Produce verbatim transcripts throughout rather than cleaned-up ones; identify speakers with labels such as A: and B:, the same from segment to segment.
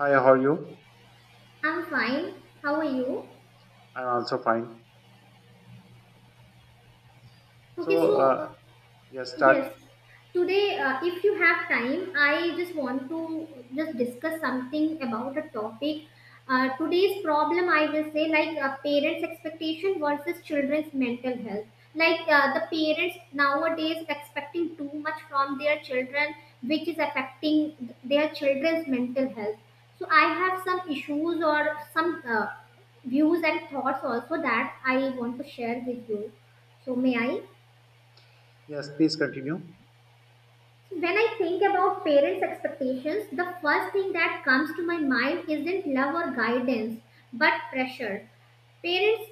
A: Hi, how are you?
B: I'm fine. How are you?
A: I'm also fine.
B: Okay,
A: So,
B: so
A: uh,
B: uh,
A: yes, start.
B: yes. Today, uh, if you have time, I just want to just discuss something about a topic. Uh, today's problem, I will say, like uh, parents' expectation versus children's mental health. Like uh, the parents nowadays expecting too much from their children, which is affecting th- their children's mental health. So I have some issues or some uh, views and thoughts also that I want to share with you. So may I?
A: Yes, please continue.
B: When I think about parents' expectations, the first thing that comes to my mind isn't love or guidance, but pressure. Parents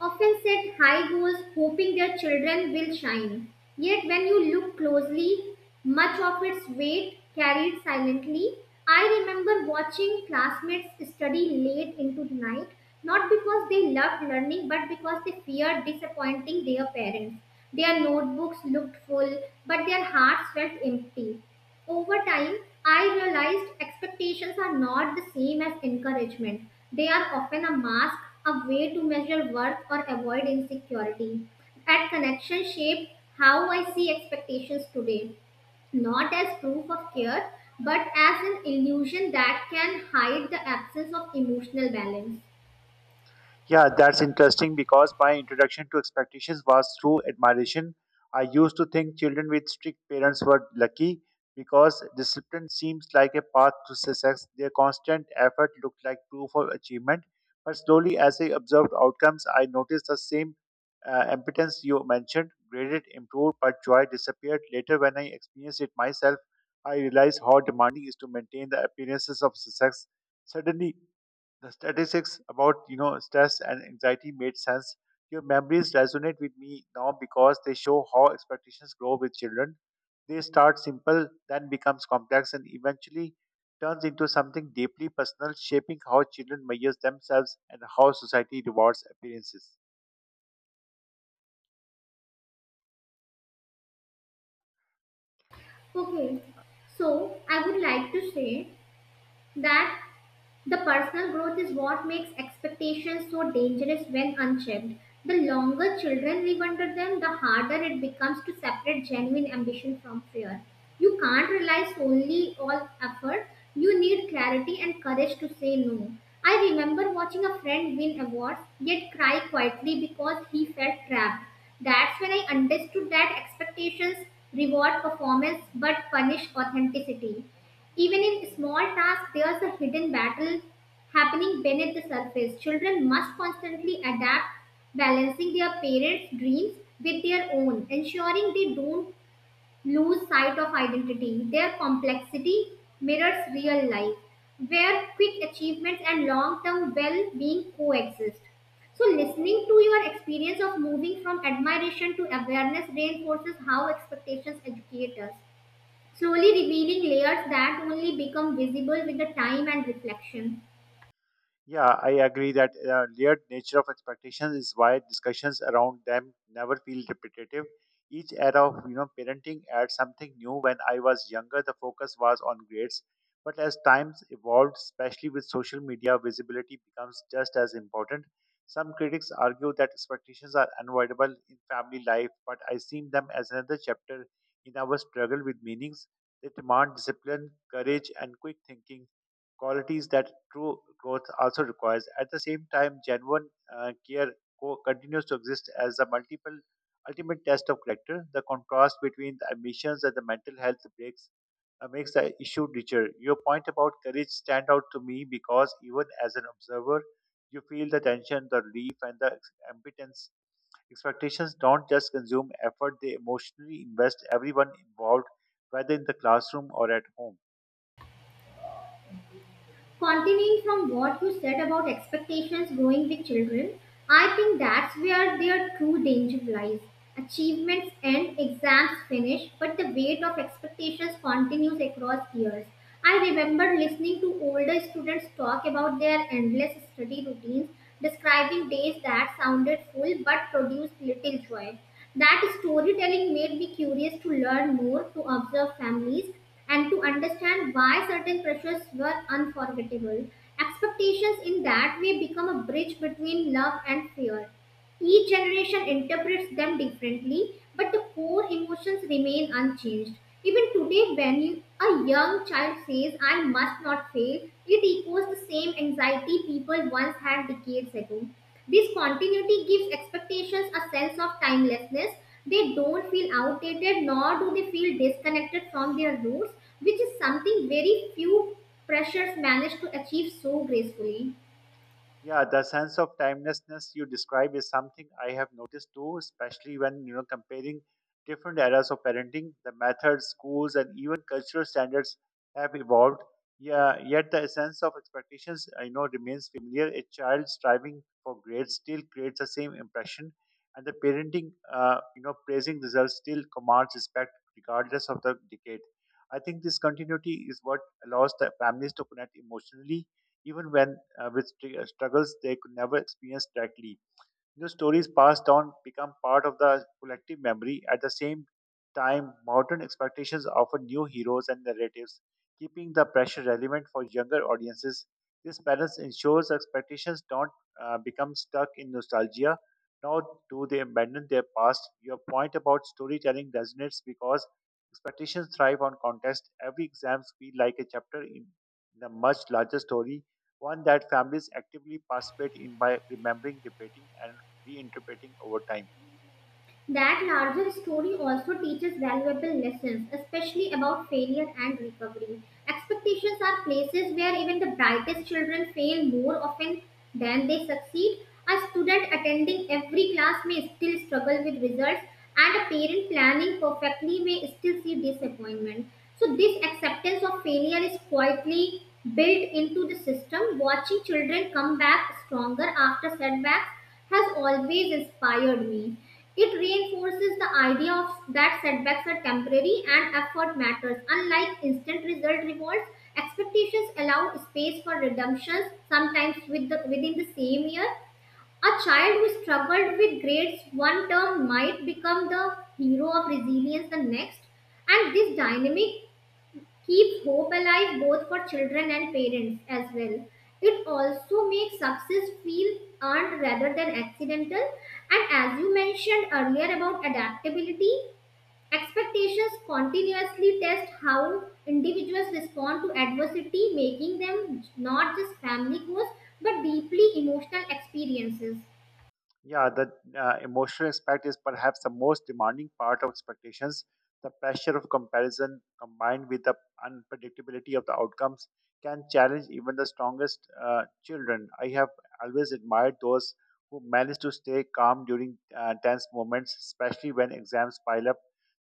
B: often set high goals hoping their children will shine. Yet, when you look closely, much of its weight carried silently. I remember watching classmates study late into the night, not because they loved learning, but because they feared disappointing their parents. Their notebooks looked full, but their hearts felt empty. Over time, I realized expectations are not the same as encouragement. They are often a mask, a way to measure worth or avoid insecurity. At Connection shaped how I see expectations today, not as proof of care, but as an illusion that can hide the absence of emotional balance.
A: Yeah, that's interesting because my introduction to expectations was through admiration. I used to think children with strict parents were lucky because discipline seems like a path to success. Their constant effort looked like proof of achievement. But slowly, as I observed outcomes, I noticed the same uh, impotence you mentioned. Graded improved, but joy disappeared. Later, when I experienced it myself, I realized how demanding it is to maintain the appearances of success. Suddenly, the statistics about you know stress and anxiety made sense. Your memories resonate with me now because they show how expectations grow with children. They start simple, then becomes complex, and eventually turns into something deeply personal, shaping how children measure themselves and how society rewards appearances.
B: Okay, so I would like to say that the personal growth is what makes expectations so dangerous when unchecked. The longer children live under them, the harder it becomes to separate genuine ambition from fear. You can't rely solely on effort. You need clarity and courage to say no. I remember watching a friend win awards yet cry quietly because he felt trapped. That's when I understood that expectations reward performance but punish authenticity. Even in small tasks, there's a hidden battle happening beneath the surface. Children must constantly adapt, balancing their parents' dreams with their own, ensuring they don't lose sight of identity. Their complexity mirrors real life, where quick achievements and long term well being coexist. So, listening to your experience of moving from admiration to awareness reinforces how expectations educate us, slowly revealing layers that only become visible with the time and reflection.
A: Yeah, I agree that uh, layered nature of expectations is why discussions around them never feel repetitive. Each era of you know parenting adds something new. When I was younger, the focus was on grades, but as times evolved, especially with social media, visibility becomes just as important. Some critics argue that expectations are unavoidable in family life, but I see them as another chapter in our struggle with meanings. They demand discipline, courage, and quick thinking qualities that true growth also requires. At the same time, genuine uh, care co- continues to exist as a multiple ultimate test of character. The contrast between the ambitions and the mental health breaks uh, makes the issue richer. Your point about courage stand out to me because even as an observer, you feel the tension, the relief, and the ex- impotence. Expectations don't just consume effort; they emotionally invest everyone involved, whether in the classroom or at home.
B: Continuing from what you said about expectations growing with children, I think that's where their true danger lies. Achievements end, exams finish, but the weight of expectations continues across years. I remember listening to older students talk about their endless study routines, describing days that sounded full but produced little joy. That storytelling made me curious to learn more, to observe families and to understand why certain pressures were unforgettable. Expectations in that way become a bridge between love and fear. Each generation interprets them differently, but the core emotions remain unchanged. Even today, when you- a young child says, I must not fail, it echoes the same anxiety people once had decades ago. This continuity gives expectations a sense of timelessness. They don't feel outdated, nor do they feel disconnected from their roots, which is something very few pressures manage to achieve so gracefully.
A: Yeah, the sense of timelessness you describe is something I have noticed too, especially when you know comparing different eras of parenting. The methods, schools, and even cultural standards have evolved. Yeah, yet the essence of expectations I know remains familiar. A child striving for grades still creates the same impression, and the parenting, uh, you know, praising results still commands respect regardless of the decade. I think this continuity is what allows the families to connect emotionally even when uh, with str- struggles they could never experience directly. The stories passed down become part of the collective memory. At the same time, modern expectations offer new heroes and narratives, keeping the pressure relevant for younger audiences. This balance ensures expectations don't uh, become stuck in nostalgia, nor do they abandon their past. Your point about storytelling resonates because expectations thrive on context. Every exam feels like a chapter in, in a much larger story, one that families actively participate in by remembering, debating, and reinterpreting over time.
B: That larger story also teaches valuable lessons, especially about failure and recovery. Expectations are places where even the brightest children fail more often than they succeed. A student attending every class may still struggle with results, and a parent planning perfectly may still see disappointment. So, this acceptance of failure is quietly built into the system. Watching children come back stronger after setbacks has always inspired me. It reinforces the idea of that setbacks are temporary and effort matters. Unlike instant result rewards, expectations allow space for redemptions, sometimes with the, within the same year. A child who struggled with grades one term might become the hero of resilience the next. And this dynamic keep hope alive both for children and parents as well. It also makes success feel earned rather than accidental. And as you mentioned earlier about adaptability, expectations continuously test how individuals respond to adversity, making them not just family goals but deeply emotional experiences.
A: Yeah, the uh, emotional aspect is perhaps the most demanding part of expectations. The pressure of comparison combined with the unpredictability of the outcomes can challenge even the strongest uh, children. I have always admired those who manage to stay calm during uh, tense moments, especially when exams pile up.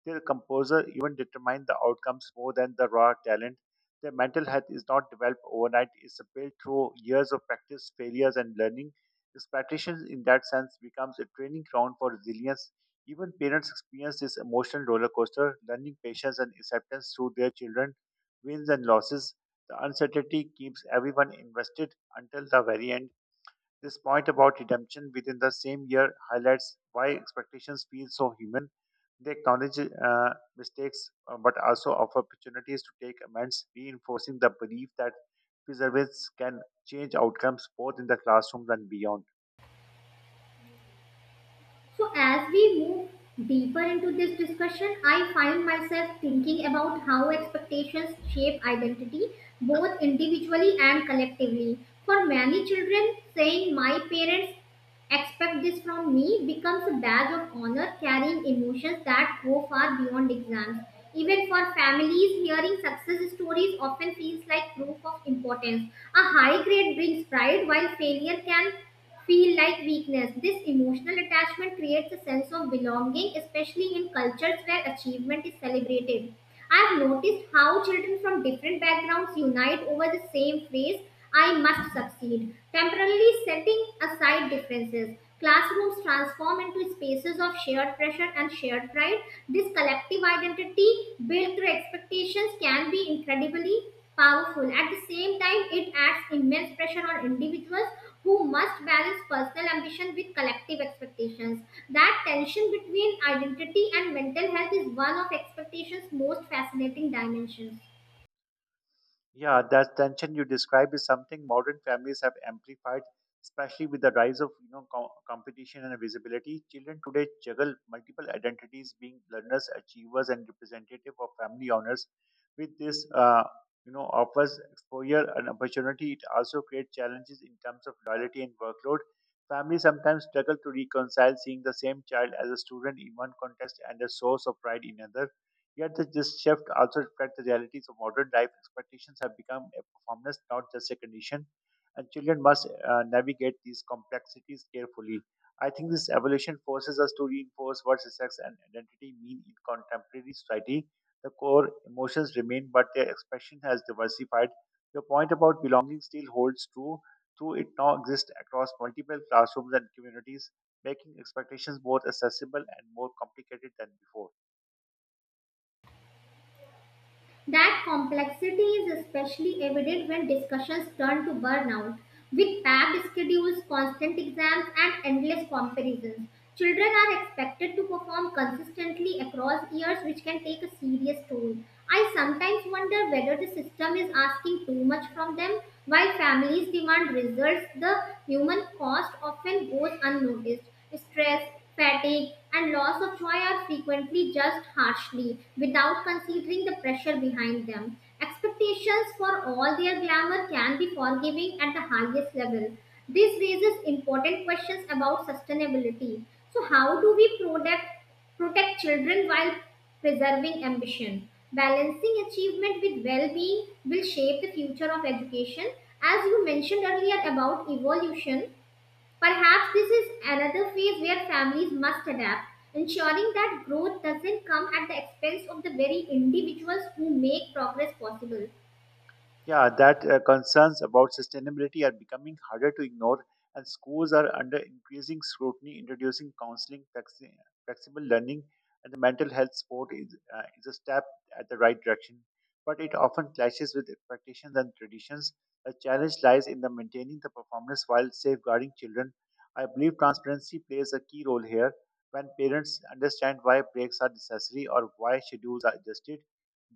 A: Their composure even determine the outcomes more than the raw talent. Their mental health is not developed overnight, it's built through years of practice, failures, and learning. This Expectations, in that sense, becomes a training ground for resilience. Even parents experience this emotional roller coaster, learning patience and acceptance through their children, wins and losses. The uncertainty keeps everyone invested until the very end. This point about redemption within the same year highlights why expectations feel so human. They acknowledge uh, mistakes uh, but also offer opportunities to take amends, reinforcing the belief that perseverance can change outcomes both in the classrooms and beyond.
B: So, as we move deeper into this discussion, I find myself thinking about how expectations shape identity, both individually and collectively. For many children, saying my parents expect this from me becomes a badge of honor carrying emotions that go far beyond exams. Even for families, hearing success stories often feels like proof of importance. A high grade brings pride while failure can feel like weakness. This emotional attachment creates a sense of belonging, especially in cultures where achievement is celebrated. I've noticed how children from different backgrounds unite over the same phrase, I must succeed, temporarily setting aside differences. Classrooms transform into spaces of shared pressure and shared pride. This collective identity built through expectations can be incredibly powerful. At the same time, it adds immense pressure on individuals who must balance personal ambition with collective expectations. That tension between identity and mental health is one of expectation's most fascinating dimensions.
A: Yeah, that tension you describe is something modern families have amplified, especially with the rise of you know co- competition and visibility. Children today juggle multiple identities, being learners, achievers, and representative of family honors. With this, uh, you know, offers exposure and opportunity. It also creates challenges in terms of loyalty and workload. Families sometimes struggle to reconcile seeing the same child as a student in one context and a source of pride in another. Yet the- this shift also reflects the realities of modern life. Expectations have become a performance, not just a condition, and children must uh, navigate these complexities carefully. I think this evolution forces us to reinforce what sex and identity mean in contemporary society. The core emotions remain, but their expression has diversified. Your point about belonging still holds true, though it now exists across multiple classrooms and communities, making expectations both accessible and more complicated than before.
B: That complexity is especially evident when discussions turn to burnout. With packed schedules, constant exams, and endless comparisons, children are expected to perform consistently across years, which can take a serious toll. I sometimes wonder whether the system is asking too much from them. While families demand results, the human cost often goes unnoticed. Stress, fatigue, and loss of joy are frequently judged harshly without considering the pressure behind them. Expectations for all their glamour can be forgiving at the highest level. This raises important questions about sustainability. So, how do we protect, protect children while preserving ambition? Balancing achievement with well being will shape the future of education. As you mentioned earlier about evolution, perhaps this is another phase where families must adapt, ensuring that growth doesn't come at the expense of the very individuals who make progress possible.
A: Yeah, that uh, concerns about sustainability are becoming harder to ignore, and schools are under increasing scrutiny, introducing counseling, flexi- flexible learning, and the mental health support is, uh, is a step at the right direction. But it often clashes with expectations and traditions. The challenge lies in the maintaining the performance while safeguarding children. I believe transparency plays a key role here. When parents understand why breaks are necessary or why schedules are adjusted,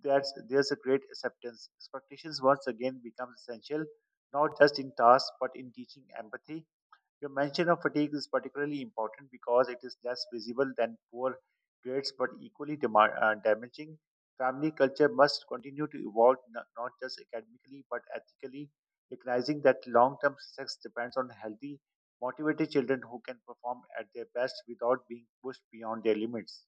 A: that's there's a great acceptance. Expectations once again becomes essential, not just in tasks but in teaching empathy. Your mention of fatigue is particularly important because it is less visible than poor grades but equally dema- uh, damaging. Family culture must continue to evolve no- not just academically but ethically, recognizing that long term success depends on healthy, motivated children who can perform at their best without being pushed beyond their limits.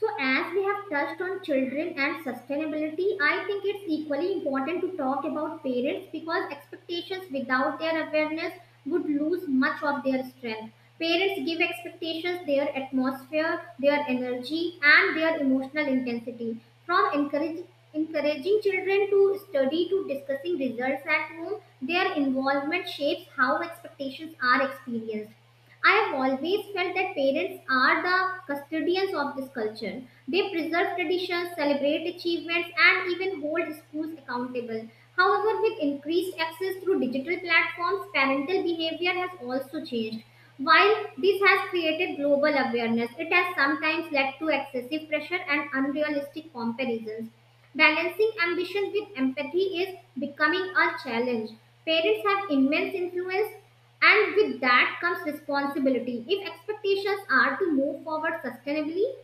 B: So, as we have touched on children and sustainability, I think it's equally important to talk about parents because expectations without their awareness would lose much of their strength. Parents give expectations their atmosphere, their energy, and their emotional intensity. From encourage, encouraging children to study to discussing results at home, their involvement shapes how expectations are experienced. I have always felt that parents are the custodians of this culture. They preserve traditions, celebrate achievements, and even hold schools accountable. However, with increased access through digital platforms, parental behavior has also changed. While this has created global awareness, it has sometimes led to excessive pressure and unrealistic comparisons. Balancing ambition with empathy is becoming a challenge. Parents have immense influence and with that comes responsibility. If expectations are to move forward sustainably,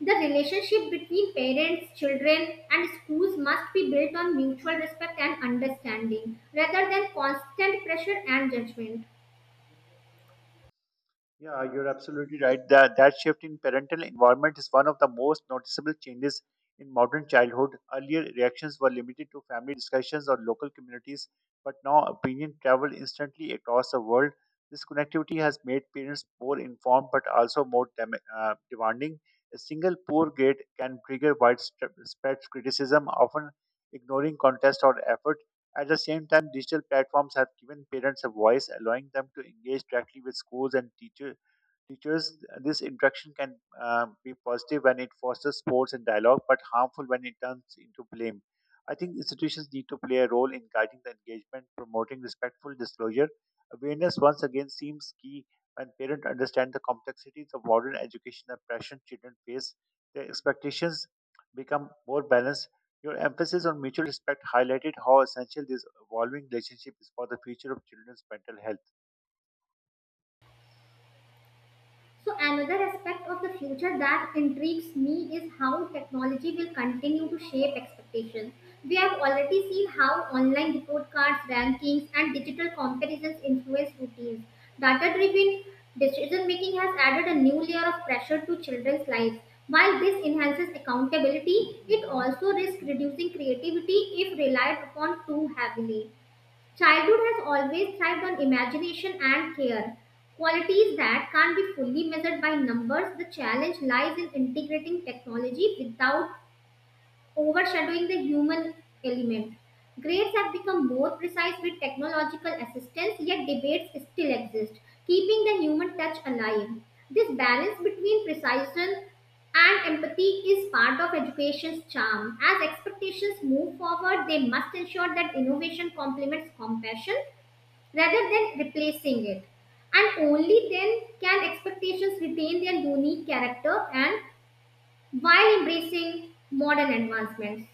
B: the relationship between parents, children, and schools must be built on mutual respect and understanding rather than constant pressure and judgment.
A: Yeah, you're absolutely right. That, that shift in parental environment is one of the most noticeable changes in modern childhood. Earlier, reactions were limited to family discussions or local communities, but now opinion travel instantly across the world. This connectivity has made parents more informed but also more dem- uh, demanding. A single poor grade can trigger widespread criticism, often ignoring contest or effort. At the same time, digital platforms have given parents a voice, allowing them to engage directly with schools and teachers teachers This interaction can uh, be positive when it fosters sports and dialogue but harmful when it turns into blame. I think institutions need to play a role in guiding the engagement, promoting respectful disclosure. Awareness once again seems key. When parents understand the complexities of modern education and pressure children face, their expectations become more balanced. Your emphasis on mutual respect highlighted how essential this evolving relationship is for the future of children's mental health.
B: So, another aspect of the future that intrigues me is how technology will continue to shape expectations. We have already seen how online report cards, rankings, and digital comparisons influence routines. Data driven decision making has added a new layer of pressure to children's lives. While this enhances accountability, it also risks reducing creativity if relied upon too heavily. Childhood has always thrived on imagination and care, qualities that can't be fully measured by numbers. The challenge lies in integrating technology without overshadowing the human element. Grades have become more precise with technological assistance, yet debates still exist, keeping the human touch alive. This balance between precision and empathy is part of education's charm. As expectations move forward, they must ensure that innovation complements compassion rather than replacing it. And only then can expectations retain their unique character and while embracing modern advancements.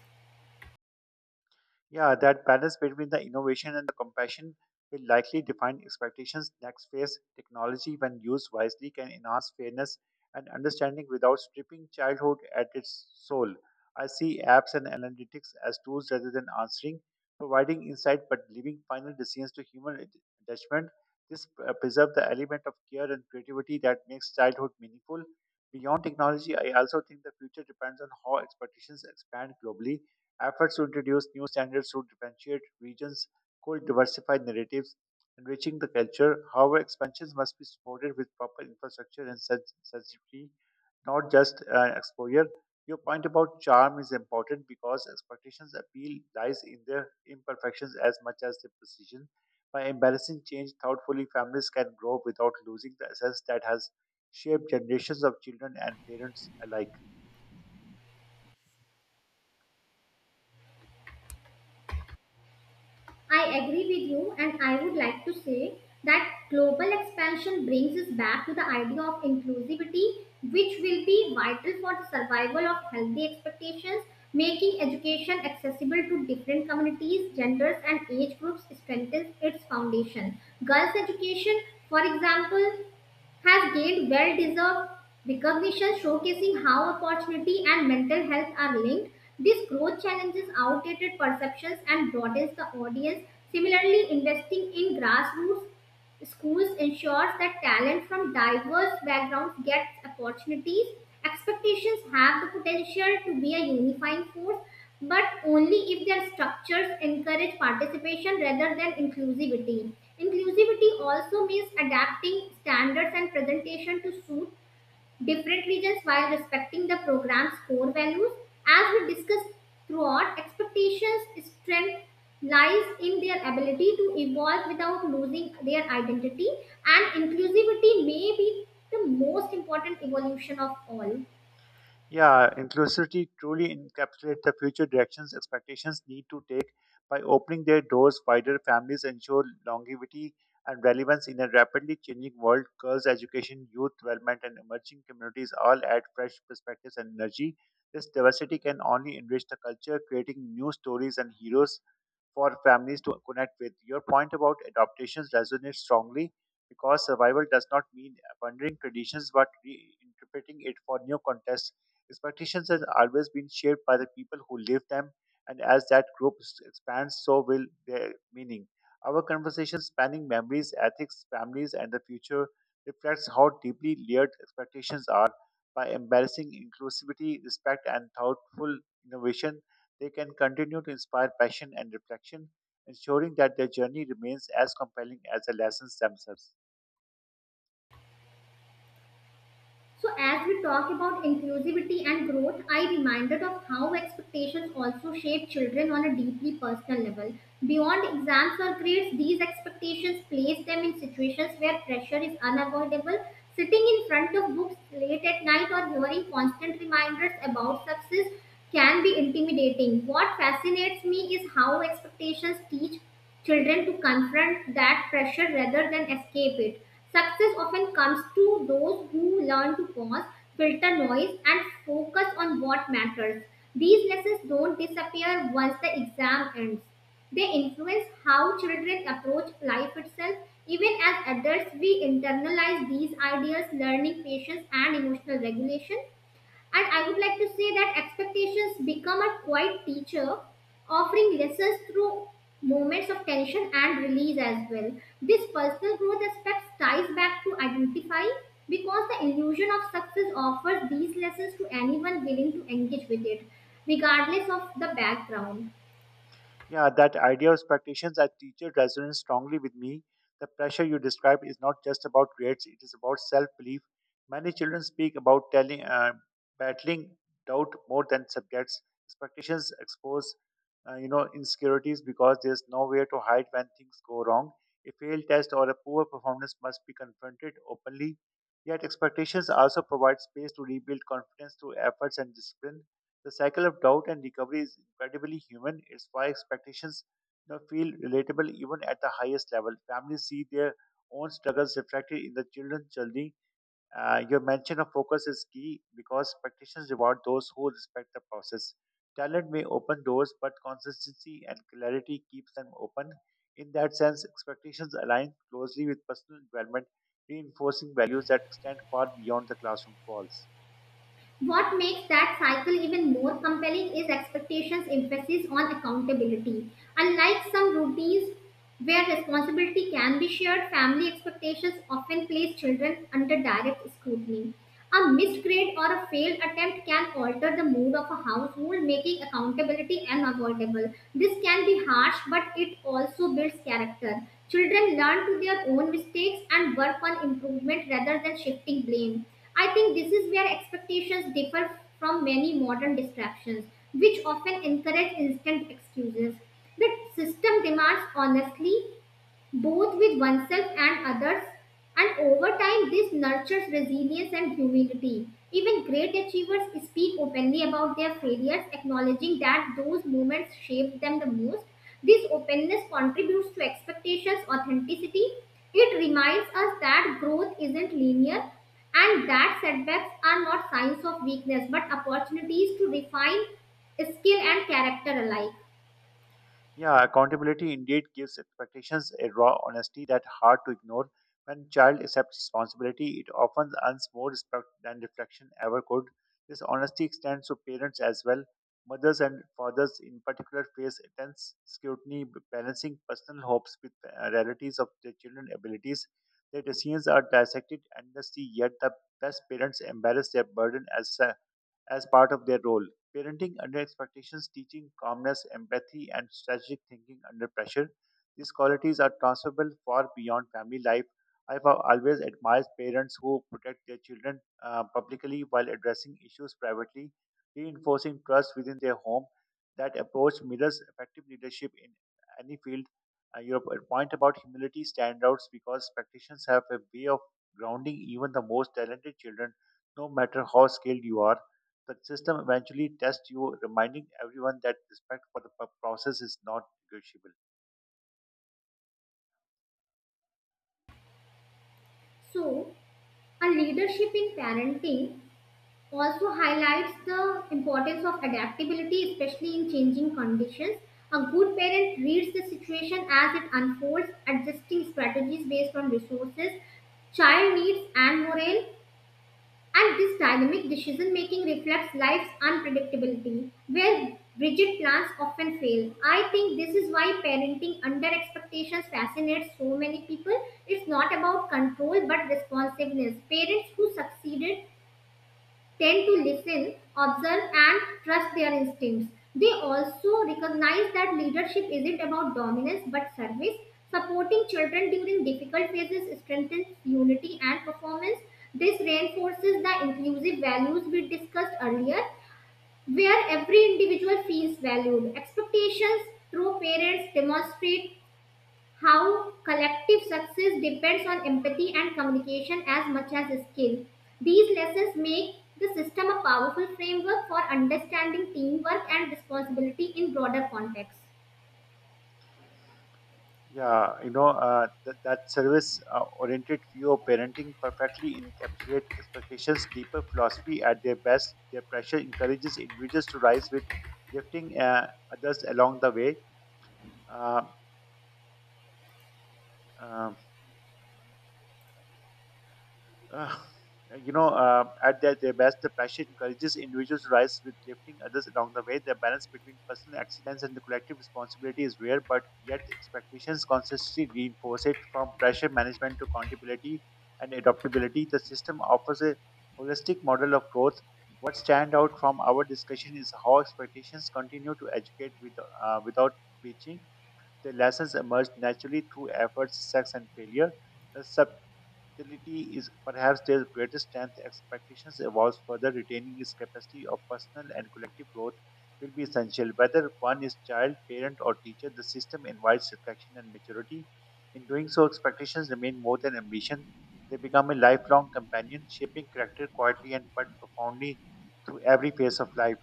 A: Yeah, that balance between the innovation and the compassion will likely define expectations next phase. Technology, when used wisely, can enhance fairness and understanding without stripping childhood at its soul. I see apps and analytics as tools rather than answering, providing insight but leaving final decisions to human ad- judgment. This uh, preserves the element of care and creativity that makes childhood meaningful. Beyond technology, I also think the future depends on how expectations expand globally. Efforts to introduce new standards to differentiate regions could diversify narratives, enriching the culture. However, expansions must be supported with proper infrastructure and sens- sensitivity, not just uh, exposure. Your point about charm is important because expectations appeal lies in their imperfections as much as their precision. By embracing change thoughtfully, families can grow without losing the essence that has shaped generations of children and parents alike.
B: I agree with you, and I would like to say that global expansion brings us back to the idea of inclusivity, which will be vital for the survival of healthy expectations, making education accessible to different communities, genders, and age groups strengthens its foundation. Girls' education, for example, has gained well deserved recognition, showcasing how opportunity and mental health are linked. This growth challenges outdated perceptions and broadens the audience. Similarly, investing in grassroots schools ensures that talent from diverse backgrounds gets opportunities. Expectations have the potential to be a unifying force, but only if their structures encourage participation rather than inclusivity. Inclusivity also means adapting standards and presentation to suit different regions while respecting the program's core values. As we discussed throughout, expectations' strength lies in their ability to evolve without losing their identity, and inclusivity may be the most important evolution of all.
A: Yeah, inclusivity truly encapsulates the future directions expectations need to take by opening their doors wider. Families ensure longevity and relevance in a rapidly changing world. Girls' education, youth development, and emerging communities all add fresh perspectives and energy. This diversity can only enrich the culture, creating new stories and heroes for families to connect with. Your point about adaptations resonates strongly because survival does not mean abandoning traditions but reinterpreting it for new contexts. Expectations has always been shaped by the people who live them, and as that group s- expands, so will their meaning. Our conversation spanning memories, ethics, families, and the future reflects how deeply layered expectations are. By embracing inclusivity, respect, and thoughtful innovation, they can continue to inspire passion and reflection, ensuring that their journey remains as compelling as the lessons themselves.
B: So, as we talk about inclusivity and growth, I reminded of how expectations also shape children on a deeply personal level. Beyond exams or grades, these expectations place them in situations where pressure is unavoidable. Sitting in front of books late at night or hearing constant reminders about success can be intimidating. What fascinates me is how expectations teach children to confront that pressure rather than escape it. Success often comes to those who learn to pause, filter noise, and focus on what matters. These lessons don't disappear once the exam ends. They influence how children approach life itself. Even as adults, we internalize these ideas, learning patience and emotional regulation. And I would like to say that expectations become a quiet teacher, offering lessons through moments of tension and release as well. This personal growth aspect ties back to identify because the illusion of success offers these lessons to anyone willing to engage with it, regardless of the background.
A: Yeah, that idea of expectations as teacher resonates strongly with me. The pressure you describe is not just about grades, it is about self belief. Many children speak about telling, uh, battling doubt more than subjects. Expectations expose uh, you know, insecurities because there's nowhere to hide when things go wrong. A failed test or a poor performance must be confronted openly. Yet, expectations also provide space to rebuild confidence through efforts and discipline. The cycle of doubt and recovery is incredibly human. It's why expectations you know, feel relatable even at the highest level. Families see their own struggles reflected in the children's journey. Uh, your mention of focus is key because expectations reward those who respect the process. Talent may open doors, but consistency and clarity keeps them open. In that sense, expectations align closely with personal development, reinforcing values that extend far beyond the classroom walls.
B: What makes that cycle even more compelling is expectations' emphasis on accountability. Unlike some routines where responsibility can be shared, family expectations often place children under direct scrutiny. A missed grade or a failed attempt can alter the mood of a household, making accountability unavoidable. This can be harsh, but it also builds character. Children learn to their own mistakes and work on improvement rather than shifting blame. I think this is where expectations differ from many modern distractions, which often encourage instant excuses. The system demands honestly, both with oneself and others. And over time, this nurtures resilience and humility. Even great achievers speak openly about their failures, acknowledging that those moments shaped them the most. This openness contributes to expectations, authenticity. It reminds us that growth isn't linear and that setbacks are not signs of weakness but opportunities to refine skill and character alike.
A: Yeah, accountability indeed gives expectations a raw honesty that's hard to ignore. When child accepts responsibility, it often earns more respect than reflection ever could. This honesty extends to parents as well. Mothers and fathers, in particular, face intense scrutiny b- balancing personal hopes with uh, realities of their children's abilities. Their decisions are dissected endlessly, yet the best parents embrace their burden as as part of their role. Parenting under expectations, teaching calmness, empathy, and strategic thinking under pressure. These qualities are transferable far beyond family life. I have always admired parents who protect their children uh, publicly while addressing issues privately, reinforcing trust within their home. That approach mirrors effective leadership in any field. Uh, your point about humility standouts because practitioners have a way of grounding even the most talented children, no matter how skilled you are. The system eventually tests you, reminding everyone that respect for the pro- process is not negotiable.
B: So, a leadership in parenting also highlights the importance of adaptability, especially in changing conditions. A good parent reads the situation as it unfolds, adjusting strategies based on resources, child needs, and morale. And this dynamic decision making reflects life's unpredictability, where rigid plans often fail. I think this is why parenting under expectations fascinates so many people. It's not about control but responsiveness. Parents who succeeded tend to listen, observe, and trust their instincts. They also recognize that leadership isn't about dominance but service. Supporting children during difficult phases strengthens unity and performance. This reinforces the inclusive values we discussed earlier, where every individual feels valued. Expectations through parents demonstrate how collective success depends on empathy and communication as much as skill. These lessons make the system a powerful framework for understanding teamwork and responsibility in broader contexts.
A: Yeah, you know, uh, th- that service uh, oriented view of parenting perfectly encapsulates expectations, deeper philosophy at their best. Their pressure encourages individuals to rise with lifting uh, others along the way. Uh, uh, Uh, you know, uh, at their, their best, the passion encourages individuals to rise with lifting others along the way. The balance between personal excellence and the collective responsibility is rare, but yet expectations constantly reinforce it from pressure management to accountability and adaptability. The system offers a holistic model of growth. What stand out from our discussion is how expectations continue to educate with, uh, without preaching. The lessons emerge naturally through efforts, success, and failure. The sub. Versatility is perhaps their greatest strength. Expectations evolves further, retaining its capacity of personal and collective growth will be essential. Whether one is child, parent, or teacher, the system invites reflection and maturity. In doing so, expectations remain more than ambition. They become a lifelong companion, shaping character quietly and but profoundly through every phase of life.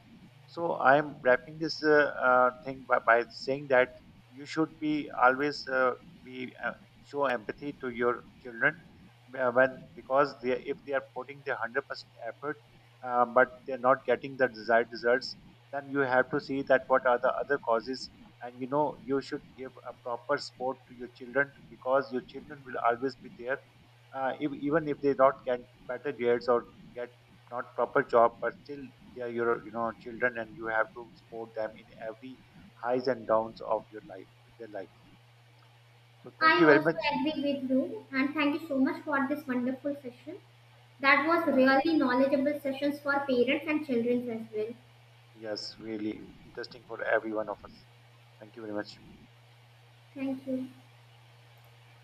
A: So I am wrapping this uh, uh, thing by, by saying that you should be always uh, be uh, show empathy to your children uh, when because they if they are putting their one hundred percent effort uh, but they're not getting the desired results, then you have to see that what are the other causes. And you know you should give a proper support to your children because your children will always be there uh, if, even if they not get better grades or get not proper job, but still they are your you know children and you have to support them in every highs and downs of your life their life. So thank
B: I
A: you very
B: also
A: much.
B: agree with you and thank you so much for this wonderful session. That was
A: Yeah.
B: really knowledgeable sessions for parents and children as well.
A: Yes, really interesting for every one of us. Thank you very much.
B: Thank you.